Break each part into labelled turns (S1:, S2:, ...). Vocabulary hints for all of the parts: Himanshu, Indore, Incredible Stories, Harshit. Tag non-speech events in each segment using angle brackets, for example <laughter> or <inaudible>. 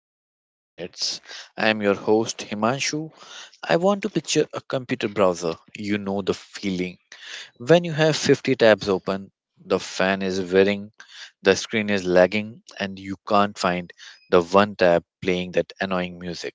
S1: the new coordinates. I am your host Himanshu. I want to picture a computer browser. You know the feeling. When you have 50 tabs open, the fan is whirring, the screen is lagging, and you can't find the one tab playing that annoying music.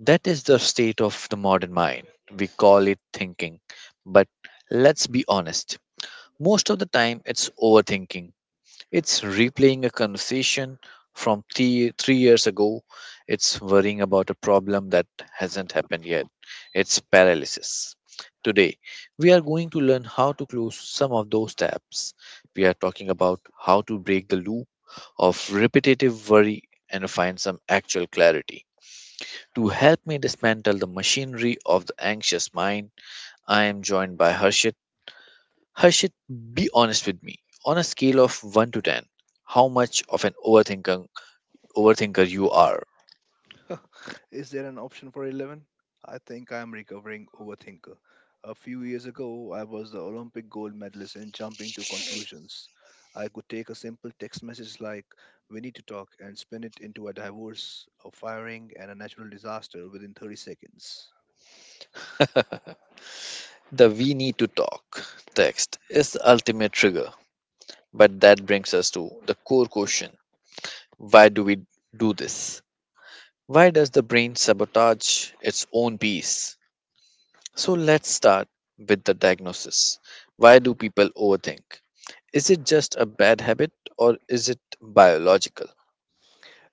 S1: That is the state of the modern mind. We call it thinking. But, let's be honest, most of the time it's overthinking. It's replaying a conversation from three years ago. It's worrying about a problem that hasn't happened yet. It's paralysis. Today, we are going to learn how to close some of those tabs. We are talking about how to break the loop of repetitive worry and find some actual clarity. To help me dismantle the machinery of the anxious mind, I am joined by Harshit. Harshit, be honest with me. On a scale of 1 to 10, how much of an overthinker you are?
S2: <laughs> Is there an option for 11? I think I am recovering overthinker. A few years ago, I was the Olympic gold medalist in jumping to conclusions. I could take a simple text message like, "We need to talk," and spin it into a divorce, a firing, and a natural disaster within 30 seconds.
S1: The "we need to talk" text is the ultimate trigger. But that brings us to the core question: why do we do this? Why does the brain sabotage its own peace? So let's start with the diagnosis. Why do people overthink? Is it just a bad habit, or is it biological?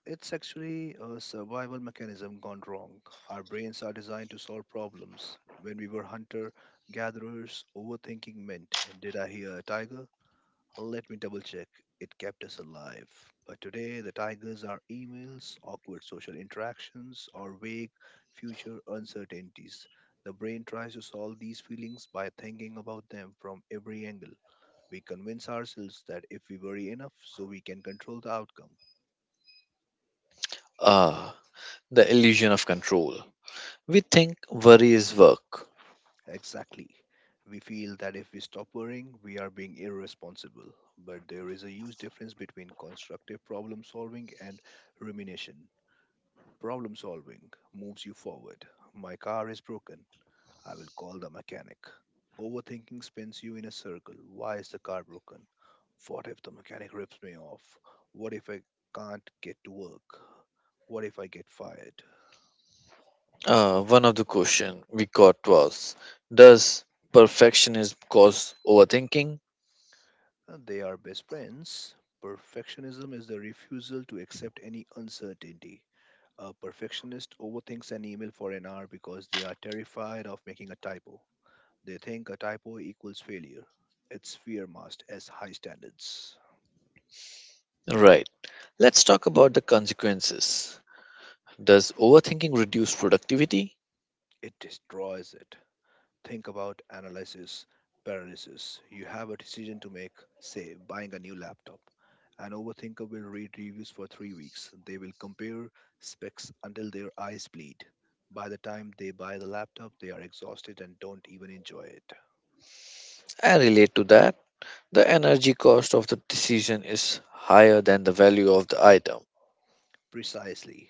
S2: It's actually a survival mechanism gone wrong. Our brains are designed to solve problems. When we were hunter gatherers, overthinking meant, "Did I hear a tiger? Let me double check." It kept us alive. But today, the tigers are emails, awkward social interactions, or vague future uncertainties. The brain tries to solve these feelings by thinking about them from every angle. We convince ourselves that if we worry enough, so we can control the outcome.
S1: Ah, the illusion of control. We think worry is work.
S2: Exactly. We feel that if we stop worrying, we are being irresponsible. But there is a huge difference between constructive problem solving and rumination. Problem solving moves you forward. My car is broken. I will call the mechanic. Overthinking spins you in a circle. Why is the car broken? What if the mechanic rips me off? What if I can't get to work? What if I get fired?
S1: One of the question we got was, does perfectionism cause overthinking?
S2: And they are best friends. Perfectionism is the refusal to accept any uncertainty. A perfectionist overthinks an email for an hour because they are terrified of making a typo. They think a typo equals failure. Its fear masked as high standards.
S1: Right. Let's talk about the consequences. Does overthinking reduce productivity?
S2: It destroys it. Think about analysis paralysis. You have a decision to make, say, buying a new laptop. An overthinker will read reviews for 3 weeks. They will compare specs until their eyes bleed. By the time they buy the laptop, they are exhausted and don't even enjoy it.
S1: I relate to that. The energy cost of the decision is higher than the value of the item.
S2: Precisely.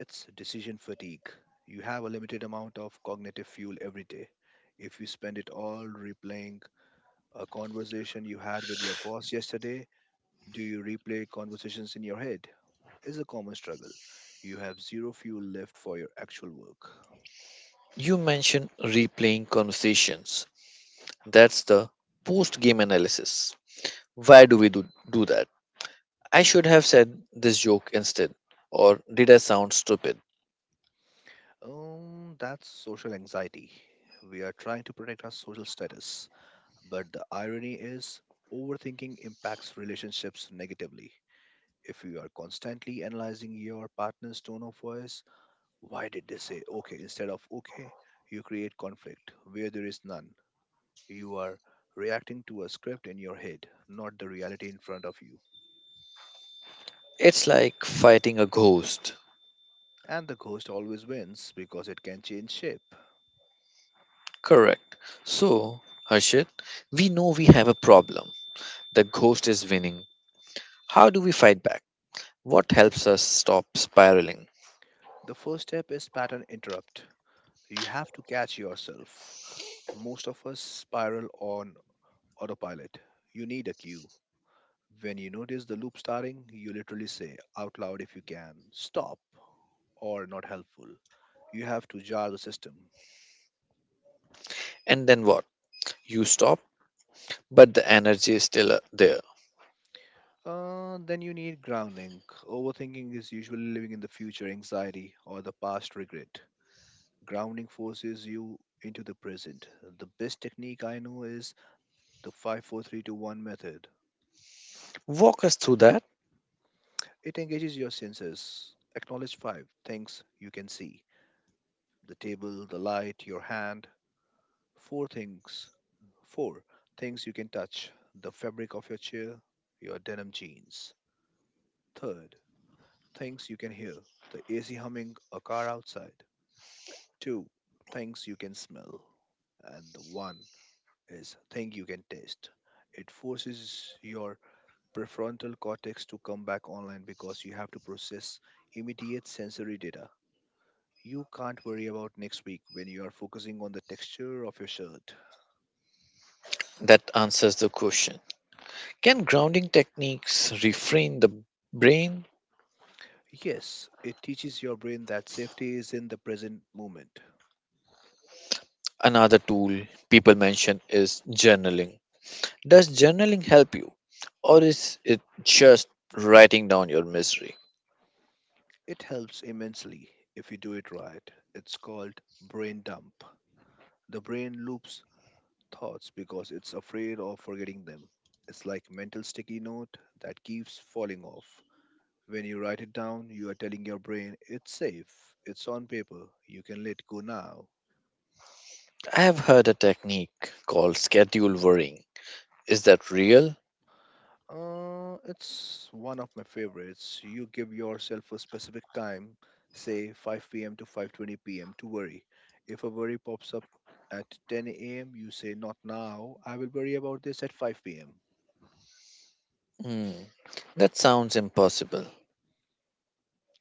S2: It's decision fatigue. You have a limited amount of cognitive fuel every day. If you spend it all replaying a conversation you had with your boss yesterday, do you replay conversations in your head? Is a common struggle. You have zero fuel left for your actual work.
S1: You mentioned replaying conversations. That's the post game analysis. Why do we do that? I should have said this joke instead. Or did I sound stupid?
S2: That's social anxiety. We are trying to protect our social status, but the irony is overthinking impacts relationships negatively. If you are constantly analyzing your partner's tone of voice, why did they say okay instead of okay? You create conflict where there is none. You are reacting to a script in your head, not the reality in front of you.
S1: It's like fighting a ghost.
S2: And the ghost always wins because it can change shape.
S1: Correct. So, Harshit, we know we have a problem. The ghost is winning. How do we fight back? What helps us stop spiraling?
S2: The first step is pattern interrupt. You have to catch yourself. Most of us spiral on autopilot. You need a cue. When you notice the loop starting, you literally say out loud if you can, "Stop," or "Not helpful." You have to jar the system.
S1: And then what? You stop, but the energy is still there.
S2: Then you need grounding. Overthinking is usually living in the future anxiety or the past regret. Grounding forces you into the present. The best technique I know is the 54321 method.
S1: Walk us through that.
S2: It engages your senses. Acknowledge five things you can see: the table, the light, your hand. Four things, four things you can touch: the fabric of your chair, your denim jeans. Third, things you can hear: the AC humming, a car outside. Two things you can smell, and the one is thing you can taste. It forces your prefrontal cortex to come back online because you have to process immediate sensory data. You can't worry about next week when you are focusing on the texture of your shirt.
S1: That answers the question. Can grounding techniques refrain the brain?
S2: Yes, it teaches your brain that safety is in the present moment.
S1: Another tool people mention is journaling. Does journaling help you, or is it just writing down your misery?
S2: It helps immensely if you do it right. It's called brain dump. The brain loops thoughts because it's afraid of forgetting them. It's like mental sticky note that keeps falling off. When you write it down, you are telling your brain it's safe, it's on paper, you can let go now.
S1: I have heard a technique called schedule worrying. Is that real?
S2: It's one of my favorites. You give yourself a specific time, say 5 p.m. to 5:20 p.m. to worry. If a worry pops up at 10 a.m., you say not now. I will worry about this at 5 p.m.
S1: Hmm, that sounds impossible.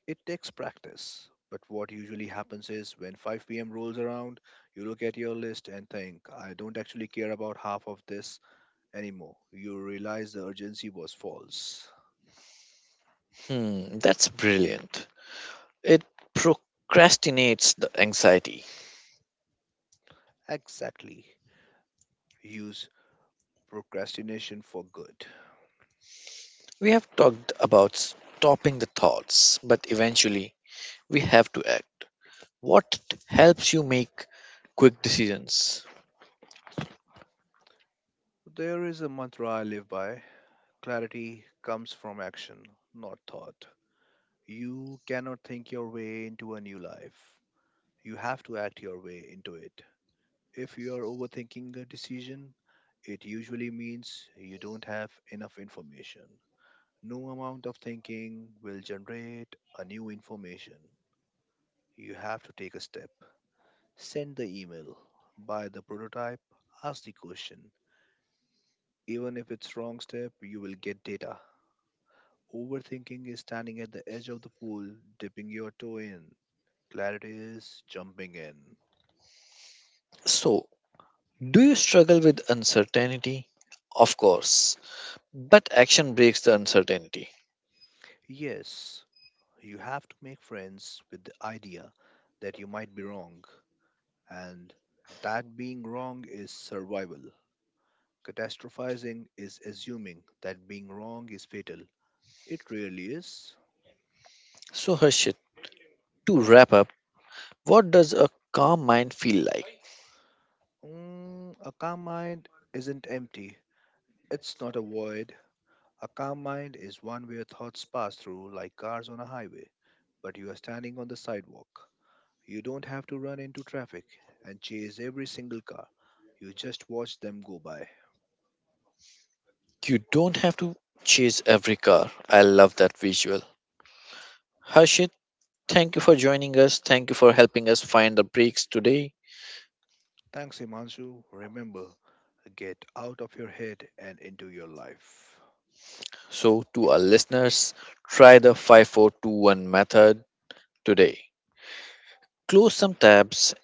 S2: It takes practice, but what usually happens is when 5 p.m. rolls around, you look at your list and think, I don't actually care about half of this anymore. You realize the urgency was false.
S1: Hmm, that's brilliant. It procrastinates the anxiety.
S2: Exactly. Use procrastination for good.
S1: We have talked about stopping the thoughts, but eventually we have to act. What helps you make quick decisions?
S2: There is a mantra I live by: clarity comes from action, not thought. You cannot think your way into a new life. You have to act your way into it. If you are overthinking a decision, it usually means you don't have enough information. No amount of thinking will generate a new information. You have to take a step. Send the email, buy the prototype, ask the question. Even if it's wrong step, you will get data. Overthinking is standing at the edge of the pool, dipping your toe in. Clarity is jumping in.
S1: So, do you struggle with uncertainty? Of course. But action breaks the uncertainty.
S2: Yes, you have to make friends with the idea that you might be wrong. And that being wrong is survival. Catastrophizing is assuming that being wrong is fatal. It really is.
S1: So, Harshit, to wrap up, what does a calm mind feel like?
S2: A calm mind isn't empty, it's not a void. A calm mind is one where thoughts pass through like cars on a highway, but you are standing on the sidewalk. You don't have to run into traffic and chase every single car, you just watch them go by.
S1: You don't have to chase every car. I love that visual. Harshit, thank you for joining us. Thank you for helping us find the breaks today.
S2: Thanks, Himanshu. Remember, get out of your head and into your life.
S1: So, to our listeners, try the 5421 method today. Close some tabs,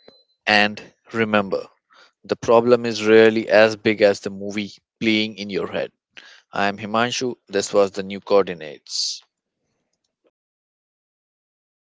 S1: and remember, the problem is rarely as big as the movie playing in your head. I am Himanshu. This was the new coordinates.